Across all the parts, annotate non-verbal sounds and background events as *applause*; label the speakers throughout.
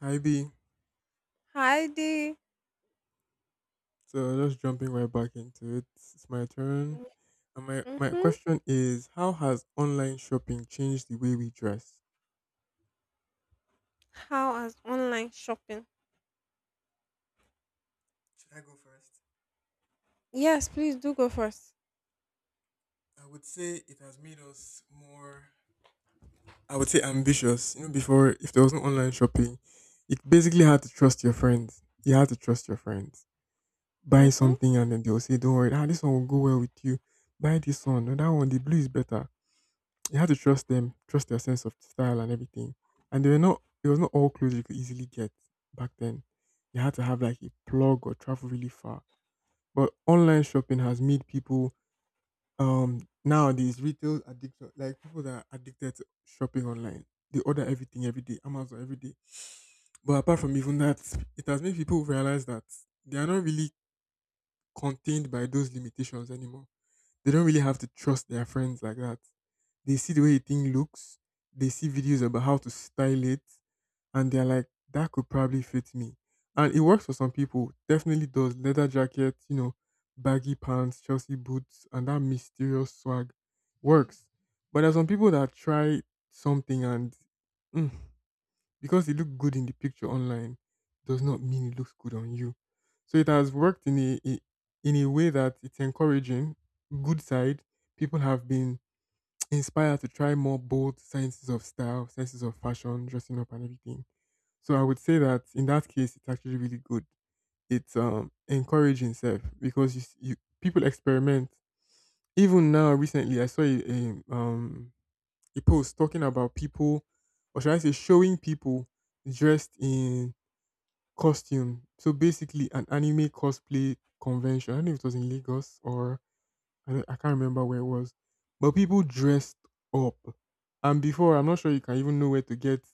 Speaker 1: Hi B.
Speaker 2: Hi there.
Speaker 1: So just jumping right back into it. It's my turn. And my
Speaker 2: Mm-hmm.
Speaker 1: question is how has online shopping changed the way we dress?
Speaker 2: How has online shopping?
Speaker 1: Should I go first?
Speaker 2: Yes, please do go first.
Speaker 1: I would say it has made us more. I would say ambitious. You know, before if there was no online shopping, you basically had to trust your friends. You had to trust your friends. Buy
Speaker 2: Mm-hmm.
Speaker 1: something and then they'll say, don't worry, this one will go well with you. Buy this one. No, that one, the blue is better. You had to trust them, trust their sense of style and everything. And they were not, it was not all clothes you could easily get back then. You had to have like a plug or travel really far. But online shopping has made people nowadays retail addiction, like people that are addicted to shopping online. They order everything every day, Amazon every day. *sighs* But apart from even that, it has made people realize that they are not really contained by those limitations anymore. They don't really have to trust their friends like that. They see the way a thing looks, they see videos about how to style it, and they're like, that could probably fit me. And it works for some people, definitely does. Leather jacket, baggy pants, Chelsea boots, and that mysterious swag works. But there's some people that try something and mm, because it looked good in the picture online does not mean it looks good on you. So it has worked in a in a way that it's encouraging. Good side, people have been *tsk* inspired to try more bold senses of style, senses of fashion, dressing up and everything. So I would say that in that case, it's actually really good. It's encouraging self because you people experiment. Even now, recently, I saw a um a post talking about people, or should I say, showing people dressed in costume. So basically, an anime cosplay convention. I don't know if it was in Lagos or I can't remember where it was, but people dressed up. And before, I'm not sure you can even know where to get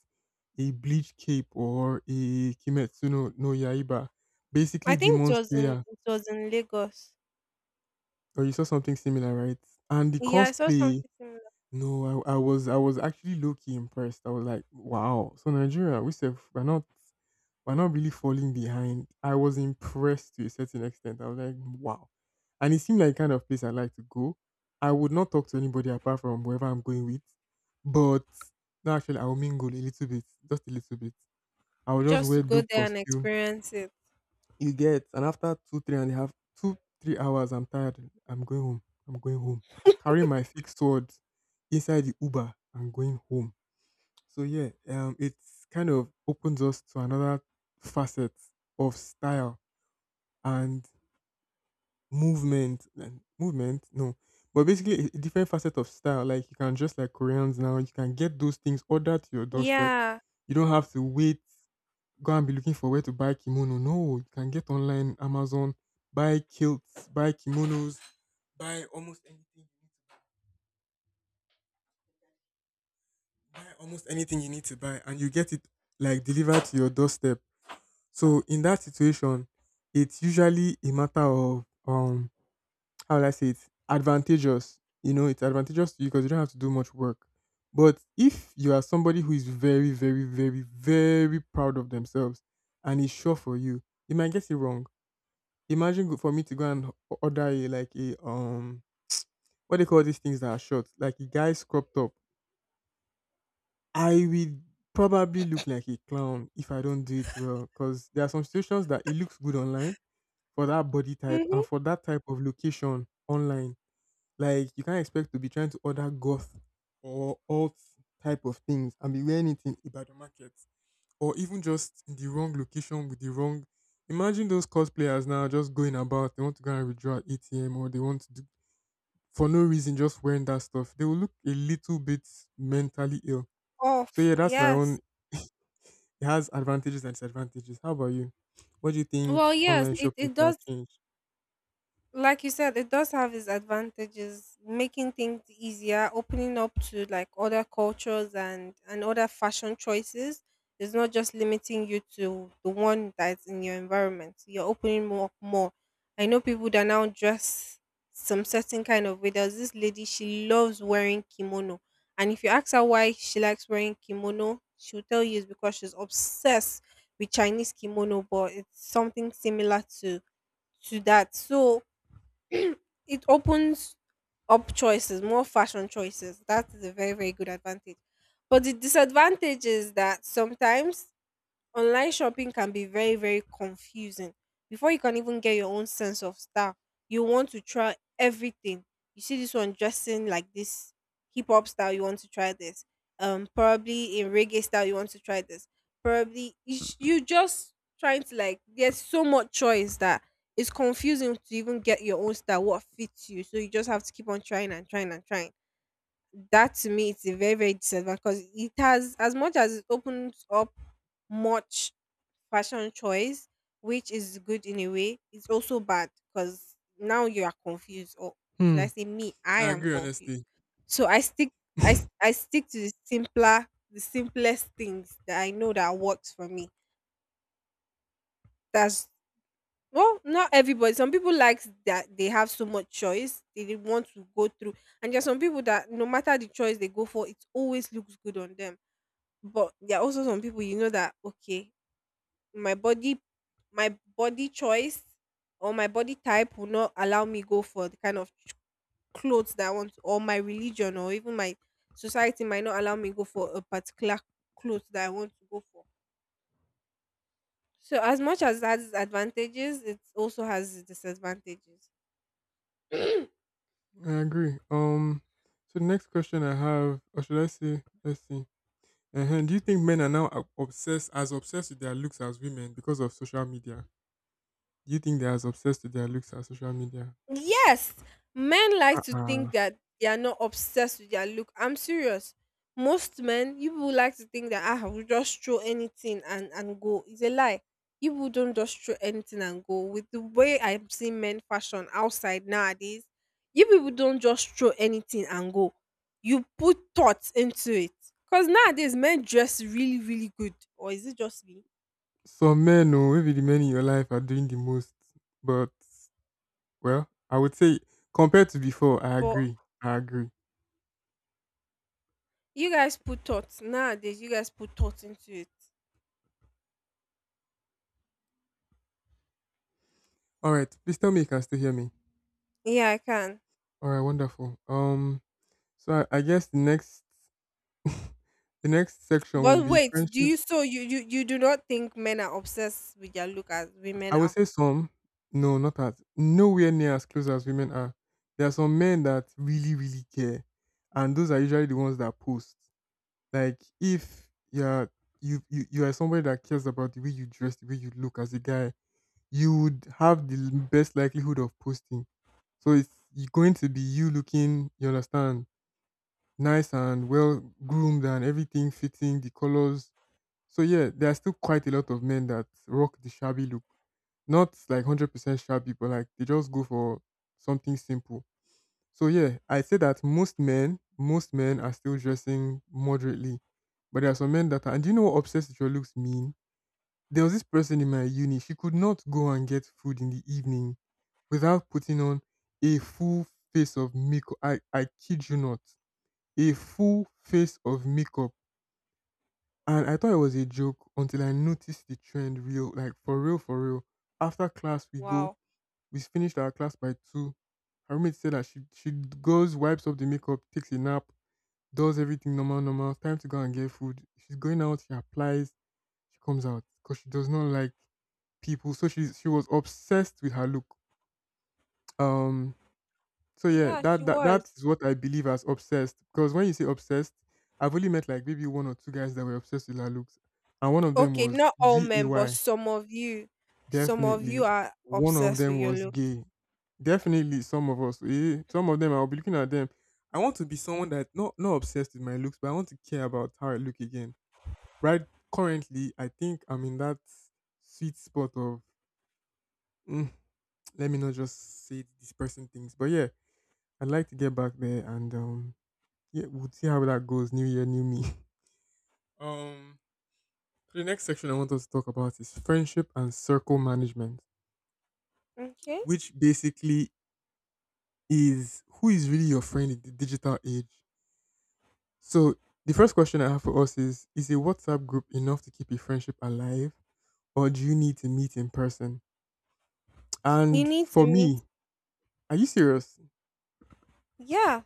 Speaker 1: a bleach cape or a Kimetsu no Yaiba.
Speaker 2: I
Speaker 1: Basically,
Speaker 2: think it
Speaker 1: Demon
Speaker 2: was in
Speaker 1: Slayer,
Speaker 2: it was in Lagos.
Speaker 1: or you saw something similar, right? And the
Speaker 2: Yeah, I saw
Speaker 1: cosplay.
Speaker 2: something similar.
Speaker 1: No, I was actually low key impressed. I was like, wow. So Nigeria, we said we're not. We're not really falling behind. I was impressed to a certain extent. I was like, wow. And it seemed like the kind of place I like to go. I would not talk to anybody apart from whoever I'm going with. But no, actually, I will mingle a little bit, just a little bit. I will just
Speaker 2: Just
Speaker 1: wear
Speaker 2: to go
Speaker 1: dope
Speaker 2: there and
Speaker 1: costume.
Speaker 2: experience it.
Speaker 1: You get, and after two, three and a half, two, 3 hours, I'm tired. I'm going home. I'm going home. Carrying my fixed sword inside the Uber. I'm going home. So yeah, it kind of opens us to another facet of style and movement and movement. No, but basically a different facet of style. Like you can just like Koreans now, you can get those things ordered to your doorstep.
Speaker 2: Yeah.
Speaker 1: You don't have to wait, go and be looking for where to buy kimono. No, you can get online, Amazon, buy kilts, buy kimonos, buy almost anything, buy almost anything you need to buy, and you get it like delivered to your doorstep. So in that situation, it's usually a matter of how will I say it, advantageous. You know, it's advantageous to you because you don't have to do much work. But if you are somebody who is very, very, very, very proud of themselves and is sure for you, you might get it wrong. Imagine for me to go and order a like a what they call these things that are short, like a guy's cropped up. I will probably look like a clown if I don't do it well. Because there are some situations that it looks good online for that body type
Speaker 2: Mm-hmm.
Speaker 1: and for that type of location online. Like you can't expect to be trying to order goth or alt type of things and be wearing it in Ibadan market or even just in the wrong location with the wrong. Imagine those cosplayers now just going about. They want to go and withdraw at ATM or they want to do for no reason just wearing that stuff. They will look a little bit mentally ill. So
Speaker 2: Off.
Speaker 1: yeah, that's my own.
Speaker 2: Yes.
Speaker 1: It has advantages and disadvantages. How about you? What do you think
Speaker 2: Well, yes,
Speaker 1: online
Speaker 2: it,
Speaker 1: shopping
Speaker 2: it
Speaker 1: could have
Speaker 2: does,
Speaker 1: changed?
Speaker 2: like you said, it does have its advantages, making things easier, opening up to like other cultures and other fashion choices. It's not just limiting you to the one that's in your environment. You're opening more up more. I know people that now dress some certain kind of way. There's this lady, she loves wearing kimono. And if you ask her why she likes wearing kimono, she'll tell you it's because she's obsessed with Chinese kimono, but it's something similar to that. So *clears throat* it opens up choices, more fashion choices. That is a very, very good advantage. But the disadvantage is that sometimes online shopping can be very, very confusing. Before you can even get your own sense of style, you want to try everything. You see this one dressing like this hip hop style, you want to try this. Probably in reggae style, you want to try this. Probably you just trying to like. There's so much choice that it's confusing to even get your own style. What fits you? So you just have to keep on trying and trying and trying. That, to me, it's a very very disadvantage because it has, as much as it opens up much fashion choice, which is good in a way, it's also bad because now you are confused, or should
Speaker 1: Hmm.
Speaker 2: I say, me, I
Speaker 1: I
Speaker 2: am
Speaker 1: agree,
Speaker 2: confused.
Speaker 1: honestly.
Speaker 2: So I stick, I s-
Speaker 1: *laughs*
Speaker 2: I stick to the simpler, the simplest things that I know that works for me. That's, well, not everybody. Some people likes that they have so much choice. They didn't want to go through, and there are some people that no matter the choice they go for, it always looks good on them. But there are also some people that okay, my body, my body choice or my body type will not allow me go for the kind of clothes that I want, or my religion, or even my society might not allow me go for a particular clothes that I want to go for. So as much as that has advantages, it also has its disadvantages. *clears throat* Mm-hmm.
Speaker 1: I agree. So the next question I have, or should I say, let's see. Uh huh. Do you think men are now obsessed as obsessed with their looks as women because of social media? Do you think they're as obsessed with their looks as social media?
Speaker 2: Yes, men like to
Speaker 1: Uh-uh.
Speaker 2: think that they are not obsessed with their look. I'm serious. Most men, you people like to think that I will just throw anything and go. It's a lie. You people don't just throw anything and go. With the way I'm seeing men fashion outside nowadays, you people don't just throw anything and go. You put thoughts into it. Cause nowadays men dress really really good. Or is it just me?
Speaker 1: Some men, oh, maybe the men in your life are doing the most, but well, I would say compared to before, I
Speaker 2: But
Speaker 1: agree. I agree.
Speaker 2: you guys put thoughts nowadays. You guys put thoughts into it.
Speaker 1: All right, please tell me you can still hear me.
Speaker 2: Yeah, I can.
Speaker 1: All right, wonderful. So I guess the next *laughs* the next section will
Speaker 2: But
Speaker 1: be
Speaker 2: wait, do
Speaker 1: friendship.
Speaker 2: you so you do not think men are obsessed with their look as women
Speaker 1: I would
Speaker 2: are?
Speaker 1: say some. No, not as, nowhere near as close as women are. There are some men that really, really care, and those are usually the ones that post. Like if you're you are somebody that cares about the way you dress, the way you look as a guy, you would have the best likelihood of posting. So it's going to be you looking, you understand, nice and well groomed and everything fitting the colors. So yeah, there are still quite a lot of men that rock the shabby look. Not like 100% shabby, but like they just go for something simple. So yeah, I say that most men are still dressing moderately. But there are some men that are, and do you know what obsessed with your looks mean? There was this person in my uni, she could not go and get food in the evening without putting on a full face of makeup. I kid you not. A full face of makeup, and I thought it was a joke until I noticed the trend real, like for real, for real. After class,
Speaker 2: Wow.
Speaker 1: we finished our class by two. Her roommate said that she goes, wipes up the makeup, takes a nap, does everything normal, normal. Time to go and get food. She's going out, she applies, she comes out because she does not like people. So she was obsessed with her look. Um, so yeah,
Speaker 2: Yeah,
Speaker 1: that
Speaker 2: she was.
Speaker 1: is what I believe as obsessed. Because when you say obsessed, I've only met like maybe one or two guys that were obsessed with La looks, and one of them
Speaker 2: Okay,
Speaker 1: was
Speaker 2: not all
Speaker 1: G A
Speaker 2: men, but
Speaker 1: Y.
Speaker 2: some of you,
Speaker 1: Definitely,
Speaker 2: are
Speaker 1: one of
Speaker 2: obsessed with
Speaker 1: them
Speaker 2: your
Speaker 1: was
Speaker 2: look.
Speaker 1: gay. Definitely, some of them, I'll be looking at them. I want to be someone that not obsessed with my looks, but I want to care about how I look again. Right? Currently, I think I'm in that sweet spot of, mm, let me not just say this person thinks, but yeah, I'd like to get back there and yeah, we'll see how that goes. New year, new me. *laughs* Um, so the next section I want us to talk about is friendship and circle management,
Speaker 2: Okay,
Speaker 1: which basically is who is really your friend in the digital age. So the first question I have for us is: is a WhatsApp group enough to keep a friendship alive, or do you need to meet in person?
Speaker 2: you
Speaker 1: And
Speaker 2: need to
Speaker 1: for
Speaker 2: meet.
Speaker 1: me, are you serious?
Speaker 2: Yeah,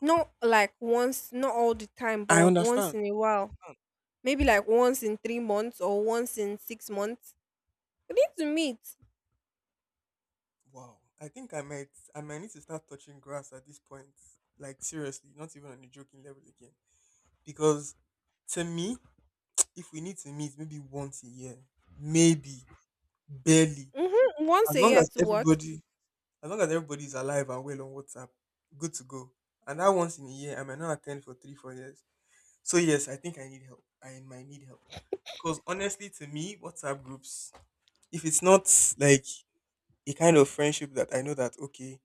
Speaker 2: not like once, not all the time,
Speaker 1: I
Speaker 2: but once
Speaker 1: understand.
Speaker 2: in a
Speaker 1: I
Speaker 2: while.
Speaker 1: understand.
Speaker 2: Maybe like once in 3 months or once in 6 months. You need to meet.
Speaker 1: Wow. I think I might need to start touching grass at this point. Like seriously, not even on a joking level again. Because to me, if we need to meet maybe once a year, maybe, barely,
Speaker 2: Mm-hmm. Once
Speaker 1: as
Speaker 2: a
Speaker 1: long
Speaker 2: year
Speaker 1: as
Speaker 2: to work.
Speaker 1: everybody, as long as everybody is alive and well on WhatsApp, good to go. And that once in a year, I might not attend for three, 4 years. So yes, I think I need help. I might need help. Because honestly, to me, WhatsApp groups, if it's not like a kind of friendship that I know that okay,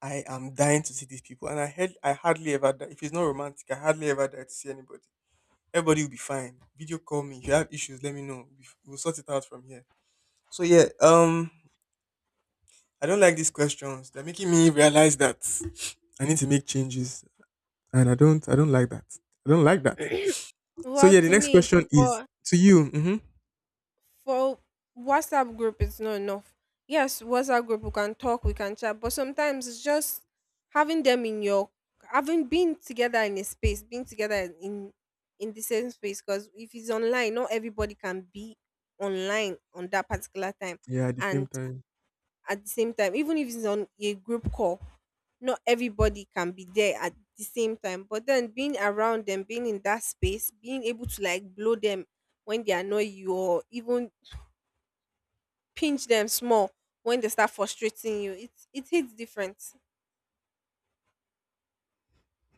Speaker 1: I am dying to see these people, and I hardly ever die. If it's not romantic, I hardly ever die to see anybody. Everybody will be fine. Video call me. If you have issues, let me know. We'll sort it out from here. So yeah, I don't like these questions. They're making me realize that I need to make changes, and I don't. I don't like that. I don't like that. So
Speaker 2: Well,
Speaker 1: yeah, the
Speaker 2: to
Speaker 1: next
Speaker 2: me,
Speaker 1: question is
Speaker 2: but
Speaker 1: to you.
Speaker 2: for WhatsApp group it's not enough. Yes, WhatsApp group we can talk, we can chat, but sometimes it's just having them in your, having been together in a space, being together in the same space. Because if it's online, not everybody can be online on that particular time,
Speaker 1: Yeah, at the same
Speaker 2: and
Speaker 1: time.
Speaker 2: at the same time, even if it's on a group call, not everybody can be there at the same time. But then being around them, being in that space, being able to like blow them when they annoy you or even pinch them small when they start frustrating you. It hits different.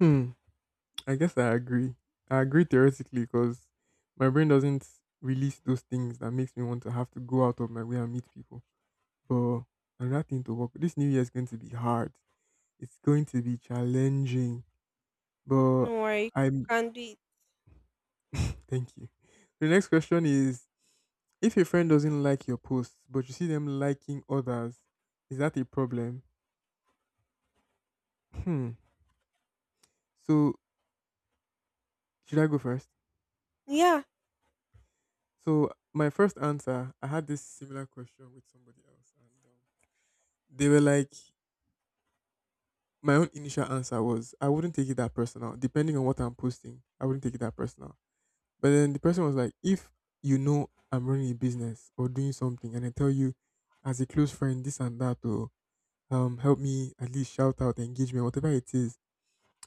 Speaker 1: Hmm. I guess I agree. I agree theoretically because my brain doesn't release those things that makes me want to have to go out of my way and meet people. But another thing to work. This new year is going to be hard. It's going to be challenging, but
Speaker 2: No worry, you
Speaker 1: I'm
Speaker 2: can do it.
Speaker 1: *laughs* thank you. The next question is, if a friend doesn't like your posts, but you see them liking others, is that a problem? Hmm. So should I go first?
Speaker 2: Yeah.
Speaker 1: So my first answer, I had this similar question with somebody else, and they were like, my own initial answer was, I wouldn't take it that personal. Depending on what I'm posting, I wouldn't take it that personal. But then the person was like, if you know, I'm running a business or doing something and I tell you as a close friend this and that, or help me, at least shout out, engagement, whatever it is,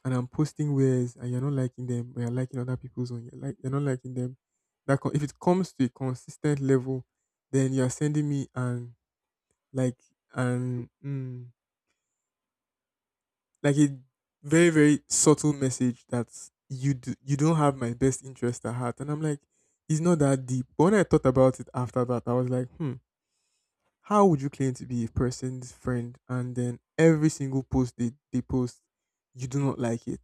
Speaker 1: and I'm posting wares and you're not liking them, but you're liking other people's own, you're not liking them. If it comes to a consistent level, then you're sending me like and like a very subtle message that you don't have my best interest at heart. And I'm like, it's not that deep. But when I thought about it after that, I was like, hmm, how would you claim to be a person's friend and then every single post they post, you do not like it,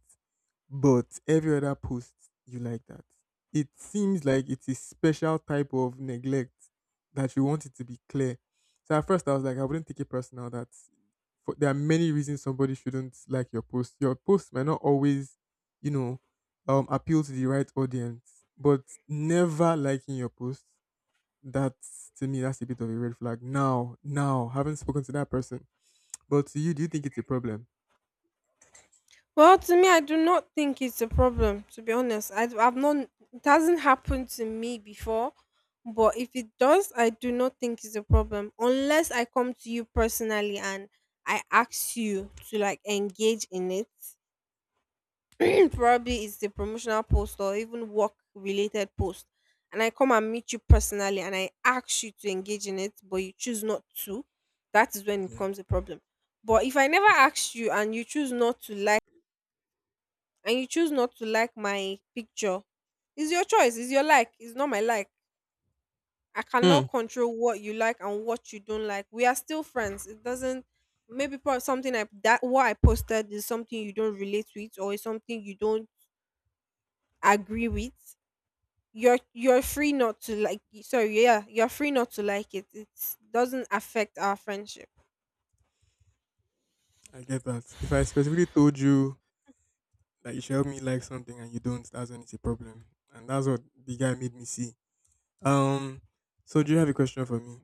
Speaker 1: but every other post, you like that. It seems like it's a special type of neglect that you want it to be clear. So at first I was like, I wouldn't take it personal. There are many reasons somebody shouldn't like your post. Your post might not always, you know, appeal to the right audience, but never liking your post, that's to me, that's a bit of a red flag. Haven't spoken to that person, but to you, do you think it's a problem?
Speaker 2: Well, to me, I do not think it's a problem. To be honest, I have not. It hasn't happened to me before, but if it does, I do not think it's a problem unless I come to you personally and I ask you to like engage in it, *clears throat* probably it's a promotional post or even work related post, and I come and meet you personally and I ask you to engage in it, but you choose not to. That is when it
Speaker 1: Yeah.
Speaker 2: becomes a problem. But if I never ask you and you choose not to like, and you choose not to like my picture, it's your choice. It's your like. It's not my like. I
Speaker 1: Hmm.
Speaker 2: cannot control what you like and what you don't like. We are still friends. It doesn't. Maybe something, I, that what I posted is something you don't relate with, or is something you don't agree with. You're free not to like. Sorry. Yeah, you're free not to like it. It doesn't affect our friendship.
Speaker 1: I get that. If I specifically told you that you should help me like something and you don't, that's when it's a problem. And that's what the guy made me see. Um, so do you have a question for me?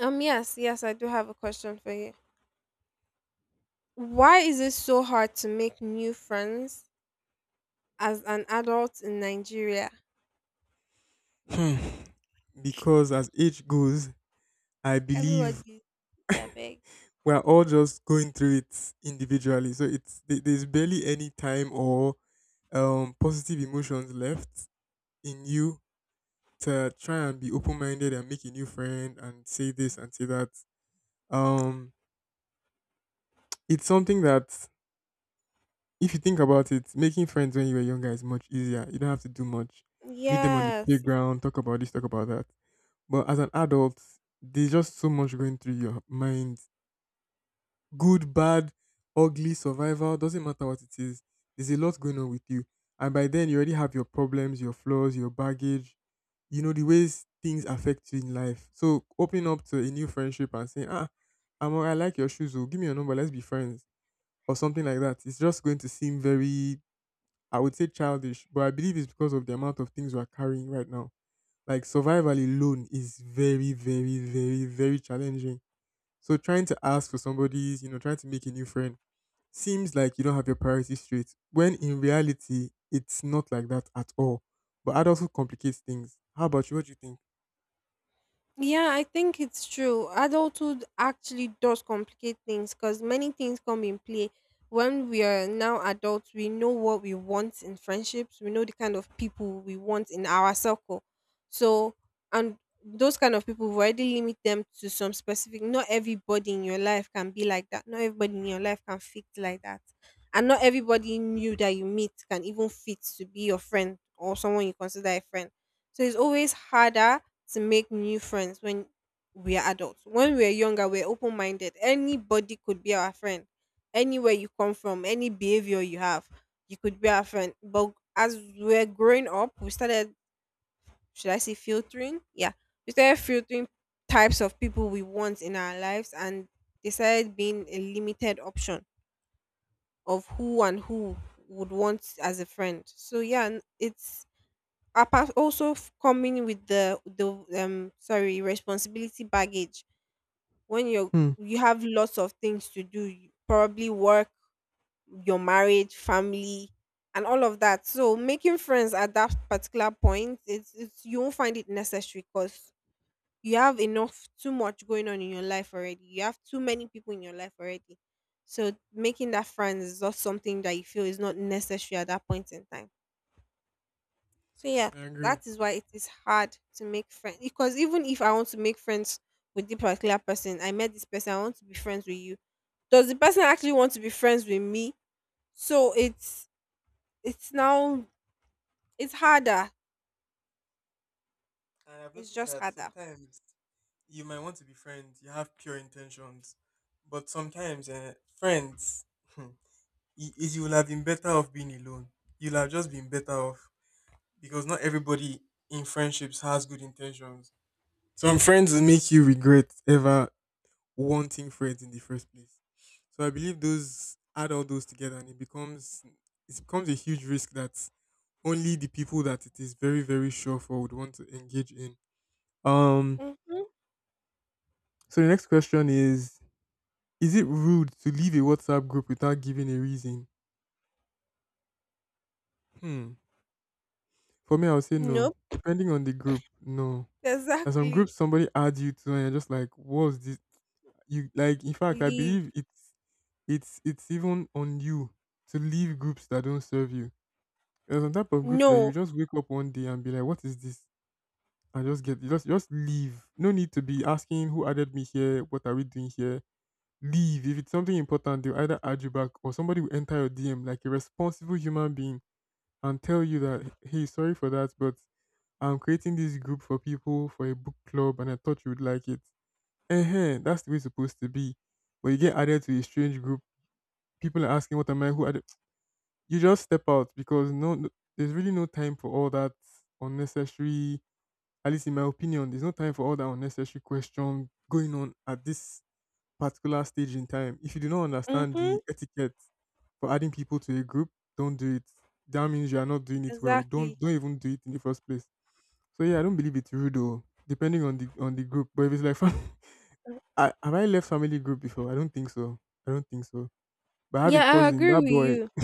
Speaker 2: Yes, yes, I do have a question for you. Why is it so hard to make new friends as an adult in Nigeria?
Speaker 1: Hmm. Because as age goes, I believe
Speaker 2: Everybody. Yeah, big
Speaker 1: we're all just going through it individually. So there's barely any time or positive emotions left in you to try and be open minded and make a new friend and say this and say that. Um, it's something that, if you think about it, making friends when you were younger is much easier. You don't have to do much. Meet them on the
Speaker 2: yes.
Speaker 1: playground, talk about this, talk about that. But as an adult, there's just so much going through your mind. Good, bad, ugly, survival, doesn't matter what it is. There's a lot going on with you. And by then, you already have your problems, your flaws, your baggage, you know, the ways things affect you in life. So opening up to a new friendship and saying, ah, I like your shoes, oh, give me your number, let's be friends, or something like that, it's just going to seem very, I would say, childish, but I believe it's because of the amount of things we're carrying right now. Like, survival alone is very challenging. So trying to ask for somebody's, you know, trying to make a new friend seems like you don't have your priorities straight. When in reality, it's not like that at all. But that also complicates things. How about you? What do you think?
Speaker 2: Yeah, I think it's true. Adulthood actually does complicate things because many things come in play. When we are now adults, we know what we want in friendships, we know the kind of people we want in our circle. So, and those kind of people, we already limit them to some specific. Not everybody in your life can be like that. Not everybody in your life can fit like that. And not everybody new that you meet can even fit to be your friend or someone you consider a friend. So, it's always harder to make new friends when we are adults. When we are younger, we're open minded. Anybody could be our friend. Anywhere you come from, any behavior you have, you could be our friend. But as we're growing up, we started, should I say, filtering? Yeah. We started filtering types of people we want in our lives, and they started being a limited option of who and who would want as a friend. So, yeah, it's apart, also coming with the sorry, responsibility baggage when
Speaker 1: Hmm.
Speaker 2: you have lots of things to do, you probably work, your marriage, family, and all of that, so making friends at that particular point, it's, you won't find it necessary because you have enough too much going on in your life already, you have too many people in your life already, so making that friends is not something that you feel is not necessary at that point in time. So yeah,
Speaker 1: I agree.
Speaker 2: that is why it is hard to make friends. Because even if I want to make friends with the particular person, I met this person, I want to be friends with you. Does the person actually want to be friends with me? So it's now, it's harder.
Speaker 1: And I've
Speaker 2: It's
Speaker 1: noticed
Speaker 2: just
Speaker 1: that
Speaker 2: harder.
Speaker 1: sometimes you might want to be friends, you have pure intentions, but sometimes friends. *laughs* I- is you will have been better off being alone. You'll have just been better off, because not everybody in friendships has good intentions. Some friends will make you regret ever wanting friends in the first place. So I believe those add, all those together, and it becomes a huge risk that only the people that it is very sure for would want to engage in. Um.
Speaker 2: Mm-hmm.
Speaker 1: So the next question is: is it rude to leave a WhatsApp group without giving a reason? Hmm. For me, I would say no.
Speaker 2: Nope.
Speaker 1: Depending on the group, no. And some
Speaker 2: Exactly.
Speaker 1: groups somebody adds you to and you're just like, what's this? You like In fact, I
Speaker 2: Leave.
Speaker 1: believe it's even on you to leave groups that don't serve you. There's some type of groups that you
Speaker 2: No.
Speaker 1: just wake up one day and be like, what is this? And just get you just leave. No need to be asking, who added me here, what are we doing here? Leave. If it's something important, they'll either add you back or somebody will enter your DM like a responsible human being and tell you that, hey, sorry for that, but I'm creating this group for people, for a book club, and I thought you would like it. Eh, that's the way it's supposed to be. But you get added to a strange group, people are asking, what am I, who are they? *tsk* You just step out, because there's really no time for all that unnecessary, at least in my opinion, there's no time for all that unnecessary question going on at this particular stage in time. If you do not understand
Speaker 2: Mm-hmm.
Speaker 1: the etiquette for adding people to a group, don't do it. That means you are not doing it well. Don't
Speaker 2: Exactly.
Speaker 1: don't even do it in the first place. So yeah, I don't believe it's rude, though, depending on the group. But if it's like *laughs* I left family group before? I don't think so. I don't think so. But I have a
Speaker 2: Yeah, I
Speaker 1: cousin,
Speaker 2: agree
Speaker 1: that
Speaker 2: with
Speaker 1: boy
Speaker 2: you.
Speaker 1: *laughs*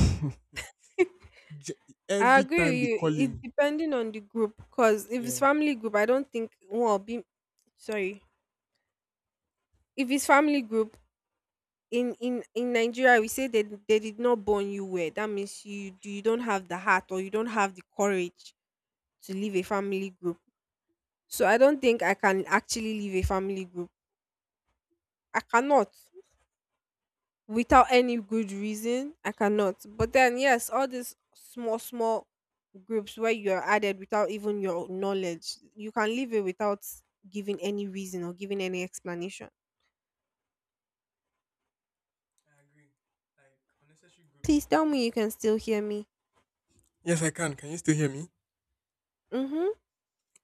Speaker 1: j-
Speaker 2: I
Speaker 1: every
Speaker 2: agree
Speaker 1: time they
Speaker 2: with
Speaker 1: call
Speaker 2: you. It's
Speaker 1: him.
Speaker 2: depending on the group. Cause if it's
Speaker 1: Yeah.
Speaker 2: family group, I don't think, well, be sorry. If it's family group, in Nigeria we say they did not born you well. That means you don't have the heart or you don't have the courage to leave a family group. So I don't think I can actually leave a family group. I cannot without any good reason. I cannot. But then yes, all these small small groups where you are added without even your knowledge, you can leave it without giving any reason or giving any explanation.
Speaker 1: I agree. Like, unnecessary groups.
Speaker 2: Please tell me
Speaker 1: Mm-mm.
Speaker 2: you can still hear me.
Speaker 1: Yes, I can. Can you still hear me?
Speaker 2: Mhm.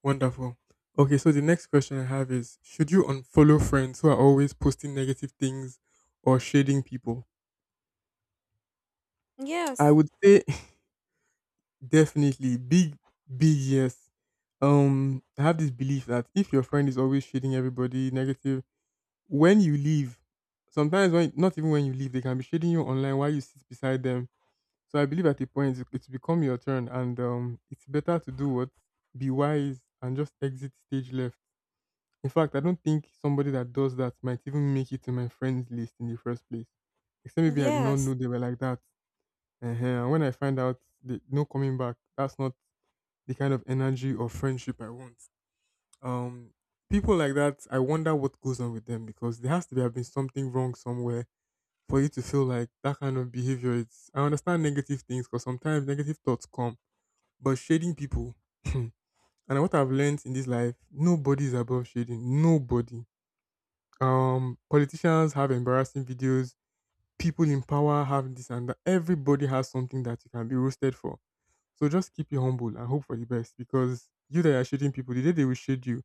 Speaker 1: Wonderful. Okay, so the next question I have is, should you unfollow friends who are always posting negative things or shading people? I
Speaker 2: Yes.
Speaker 1: would say *laughs* definitely, big, big yes. I have this belief that if your friend is always shading everybody negative, when you leave, sometimes, when not even when you leave, they can be shading you online while you sit beside them. So I believe at a point it's become your turn, and it's better to do what, be wise and just exit stage left. In fact, I don't think somebody that does that might even make it to my friends list in the first place. Except maybe I did not know
Speaker 2: Yes.
Speaker 1: they were like that. Uh-huh. And when I find out, no coming back, that's not the kind of energy or friendship I want. Um, people like that, I wonder what goes on with them, because there has to be have been something wrong somewhere for you to feel like that kind of behavior. It's, I understand negative things, because sometimes negative thoughts come, but shading people. *clears throat* And what I've learned in this life, nobody is above shading. Nobody. Politicians have embarrassing videos, people in power have this and that, everybody has something that you can be roasted for. So just keep you humble and hope for the best, because you that are shading people, the day they will shade you,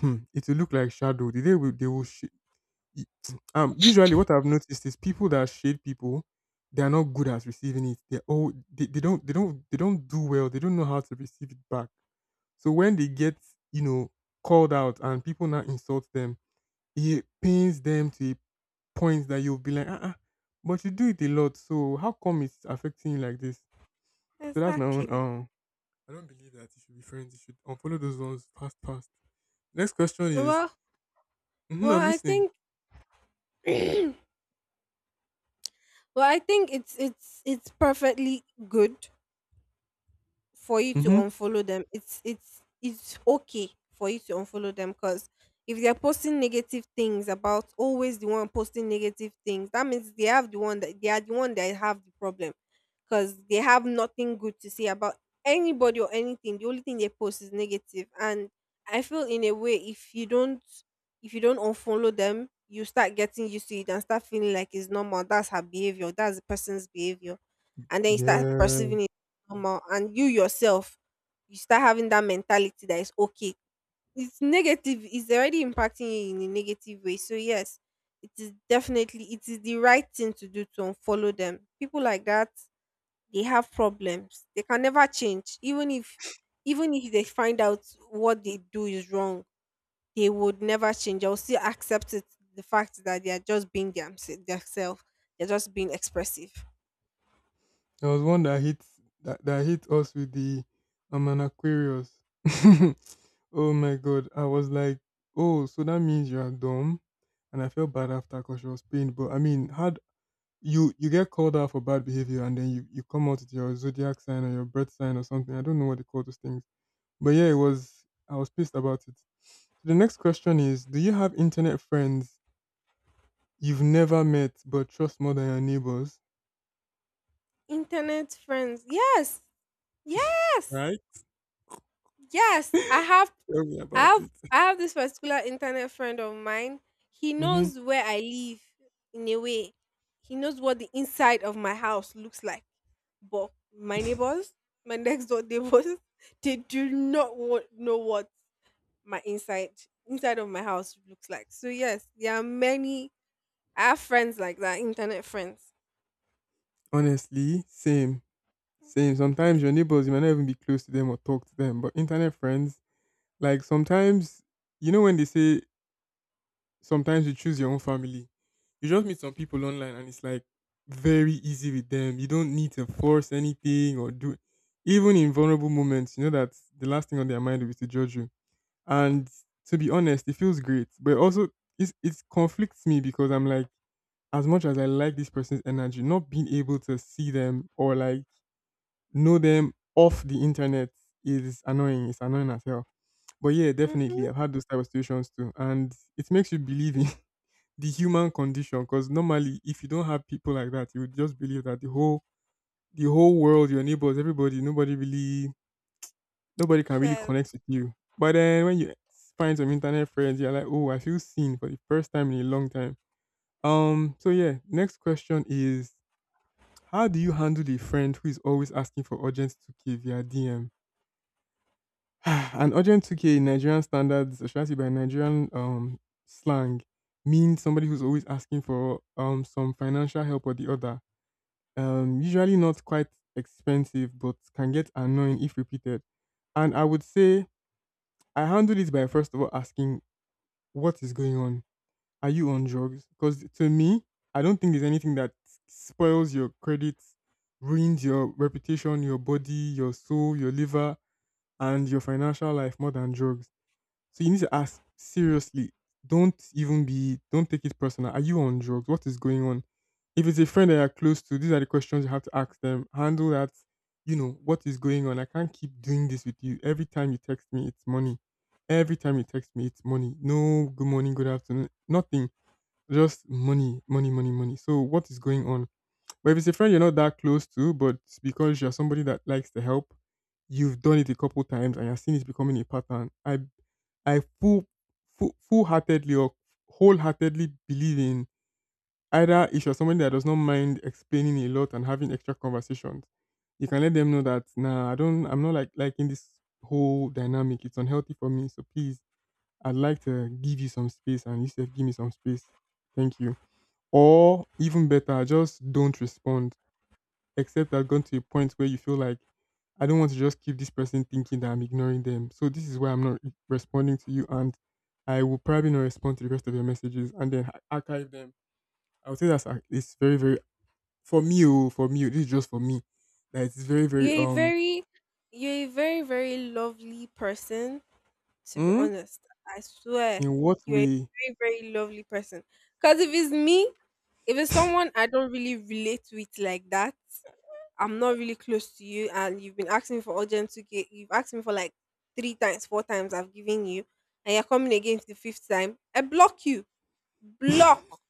Speaker 1: hmm, it will look like shadow. They will shade. *tsk* Usually what I've noticed is, people that shade people, they are not good at receiving it. They don't they don't they don't do well, they don't know how to receive it back. So when they get, you know, called out and people now insult them, it pains them to a point that you'll be like, "Ah, ah, but you do it a lot, so how come it's affecting you like this?" So that's my own.
Speaker 2: Exactly.
Speaker 1: I don't believe that you should be friends. You should unfollow those ones fast, fast. Next question is,
Speaker 2: Well,
Speaker 1: mm,
Speaker 2: well,
Speaker 1: I'm
Speaker 2: I
Speaker 1: listening.
Speaker 2: think, *clears throat* well, I think it's perfectly good for you to
Speaker 1: Mm-hmm.
Speaker 2: unfollow them. It's okay for you to unfollow them because if they're posting negative things about, always the one posting negative things, that means they are the one that have the problem because they have nothing good to say about anybody or anything. The only thing they post is negative. And I feel, in a way, if you don't unfollow them, you start getting used to it and start feeling like it's normal. That's her behavior, that's the person's behavior, and then you start
Speaker 1: Yeah,
Speaker 2: perceiving omo, and you yourself, you start having that mentality that it's okay. It's negative. It's already impacting you in a negative way. So yes, it is definitely, it is the right thing to do to unfollow them. People like that, they have problems. They can never change. Even if they find out what they do is wrong, they would never change. They'll still accept it. The fact that they are just being them, themselves. They're just being expressive.
Speaker 1: there was one that hit that hit us with the, I'm an Aquarius. *laughs* Oh my god, I was like, oh, so that means you are dumb, and I felt bad after because she was pained. But I mean, how, you get called out for bad behavior, and then you come out with your zodiac sign or your birth sign or something. I don't know what they call those things. But yeah, it was, I was pissed about it. So, the next question is, do you have internet friends you've never met but trust more than your neighbors?
Speaker 2: Internet friends. Yes. Yes.
Speaker 1: Right?
Speaker 2: Yes, I have
Speaker 1: Tell me
Speaker 2: I
Speaker 1: about
Speaker 2: have
Speaker 1: it.
Speaker 2: I have this particular internet friend of mine. He
Speaker 1: Mm-hmm.
Speaker 2: knows where I live, in a way. He knows what the inside of my house looks like. But my neighbors, my *laughs* next door neighbors, *laughs* they do not know what my inside of my house looks like. So yes, there are many I have friends like that, internet friends.
Speaker 1: Honestly, same. Same. Sometimes your neighbors, you might not even be close to them or talk to them. But internet friends, like sometimes you know when they say, sometimes you choose your own family. You just meet some people online and it's like very easy with them. You don't need to force anything or do, even in vulnerable moments, you know that the last thing on their mind will be to judge you. And to be honest, it feels great. But also it conflicts me because I'm like, as much as I like this person's energy, not being able to see them or like know them off the internet is annoying. It's annoying as hell. But yeah,
Speaker 2: Mm-hmm.
Speaker 1: definitely. I've had those type of situations too. And it makes you believe in the human condition, because normally if you don't have people like that, you would just believe that the whole world, your neighbors, everybody, nobody can really
Speaker 2: Yes.
Speaker 1: connect with you. But then when you find some internet friends, you're like, oh, I feel seen for the first time in a long time. So yeah, next question is, how do you handle a friend who is always asking for urgent 2k via dm? *sighs* An urgent 2k in Nigerian standards, especially by Nigerian slang, means somebody who's always asking for some financial help or the other. Usually not quite expensive, but can get annoying if repeated. And I would say I handle it by first of all asking, what is going on? Are you on drugs? Because to me, I don't think there's anything that spoils your credit, ruins your reputation, your body, your soul, your liver, and your financial life more than drugs, so you need to ask seriously. Don't even be. Don't take it personal. Are you on drugs? What is going on? If it's a friend that you're close to, these are the questions you have to ask them. Handle that. You know what is going on. I can't keep doing this with you. Every time you text me, it's money. Every time you text me, it's money. No good morning, good afternoon, nothing. Just money, money, money, money. So what is going on? But if it's a friend you're not that close to, but it's because you're somebody that likes to help, you've done it a couple times and you're seeing it becoming a pattern, I full full full heartedly or wholeheartedly believe in, either if you're somebody that does not mind explaining a lot and having extra conversations, you can let them know that nah, I'm not like liking this whole dynamic. It's unhealthy for me. So please, I'd like to give you some space, and you said give me some space. Thank you. Or even better, just don't respond, except I've gone to a point where you feel like, I don't want to just keep this person thinking that I'm ignoring them. So this is why I'm not responding to you, and I will probably not respond to the rest of your messages, and then archive them. I would say that's it's very very, for me. Oh, for me, oh, this is just for me. That it's very very
Speaker 2: You're a
Speaker 1: um.
Speaker 2: very you're a very, very lovely person, to be
Speaker 1: Hmm?
Speaker 2: honest. I swear,
Speaker 1: In what
Speaker 2: you're a
Speaker 1: way?
Speaker 2: very, very lovely person. Because if it's me, if it's someone I don't really relate with like that, I'm not really close to you, and you've been asking me for urgent 2K, you've asked me for like 3 times, 4 times, I've given you, and you're coming again for the fifth time, I block you. Block.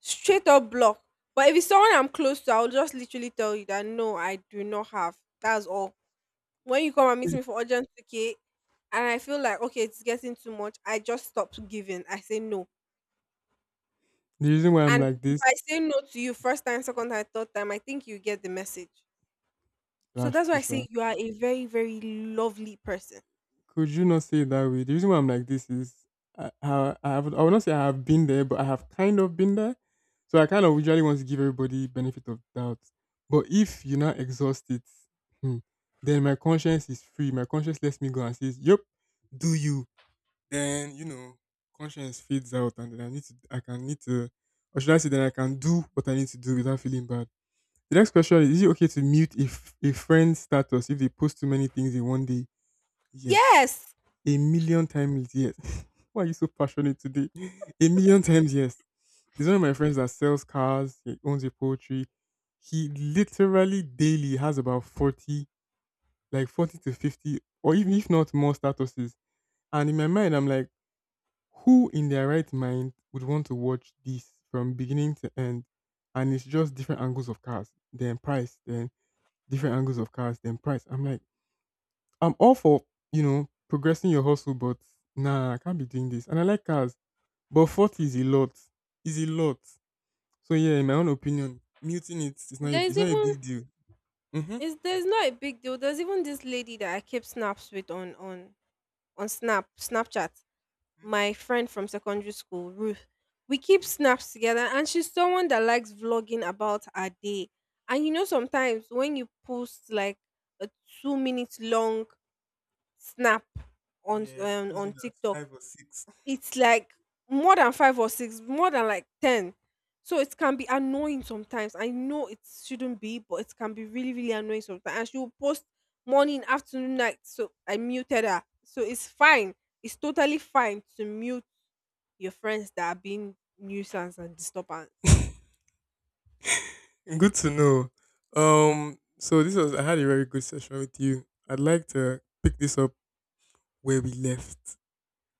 Speaker 2: Straight up block. But if it's someone I'm close to, I'll just literally tell you that no, I do not have. That's all. When you come and meet
Speaker 1: Eh,
Speaker 2: me for urgent 2, and I feel like okay, it's getting too much, I just stop giving. I say no.
Speaker 1: the reason why I'm
Speaker 2: And
Speaker 1: like
Speaker 2: if
Speaker 1: this,
Speaker 2: I say no to you first time, second time, third time, I think you get the message. So
Speaker 1: that's
Speaker 2: that's why
Speaker 1: true,
Speaker 2: I
Speaker 1: sha.
Speaker 2: say you are a very, very lovely person.
Speaker 1: Could you not say it that way? The reason why I'm like this is, I would not say I have been there, but I have kind of been there. So I kind of usually want to give everybody benefit of doubt. But if you not exhaust it, hmm, then my conscience is free. My conscience lets me go and says, "Yep, do you?" Then you know, conscience fades out, and then I need to, I can need to, or should I say, then I can do what I need to do without feeling bad. The next question is: is it okay to mute if a friend's status if they post too many things in one day? Yes.
Speaker 2: Yes.
Speaker 1: A million times yes. *laughs* Why are you so passionate today? *laughs* A million times yes. There's one of my friends that sells cars, he owns a poultry. He literally daily has about 40, like 40 to 50, or even if not more statuses. And in my mind, I'm like, who in their right mind would want to watch this from beginning to end? And it's just different angles of cars, then price, then different angles of cars, then price. I'm like, I'm all for, you know, progressing your hustle, but nah, I can't be doing this. And I like cars, but 40 is a lot. Is a lot. So yeah, in my own opinion, muting it is not
Speaker 2: There
Speaker 1: it's
Speaker 2: is
Speaker 1: not a
Speaker 2: even
Speaker 1: big deal. Mm-hmm.
Speaker 2: is there's not a big deal. There's even this lady that I keep snaps with on Snapchat. My
Speaker 1: Mm-hmm.
Speaker 2: friend from secondary school, Ruth. We keep snaps together, and she's someone that likes vlogging about her day. And you know, sometimes when you post like a 2-minute long snap on
Speaker 1: Yeah, it
Speaker 2: um,
Speaker 1: comes
Speaker 2: on
Speaker 1: in at
Speaker 2: TikTok,
Speaker 1: five or six.
Speaker 2: it's like more than five or six, more than like 10. So it can be annoying sometimes. I know it shouldn't be, but it can be really, really annoying sometimes. And she will post morning, afternoon, night. So I muted her. So it's fine. It's totally fine to mute your friends that are being nuisance and disturbance.
Speaker 1: *laughs* Good to know. So this was, I had a very good session with you. I'd like to pick this up where we left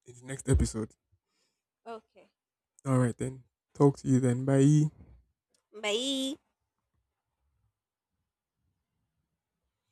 Speaker 1: in the next episode.
Speaker 2: Okay.
Speaker 1: All right then. Talk to you then. Bye.
Speaker 2: Bye.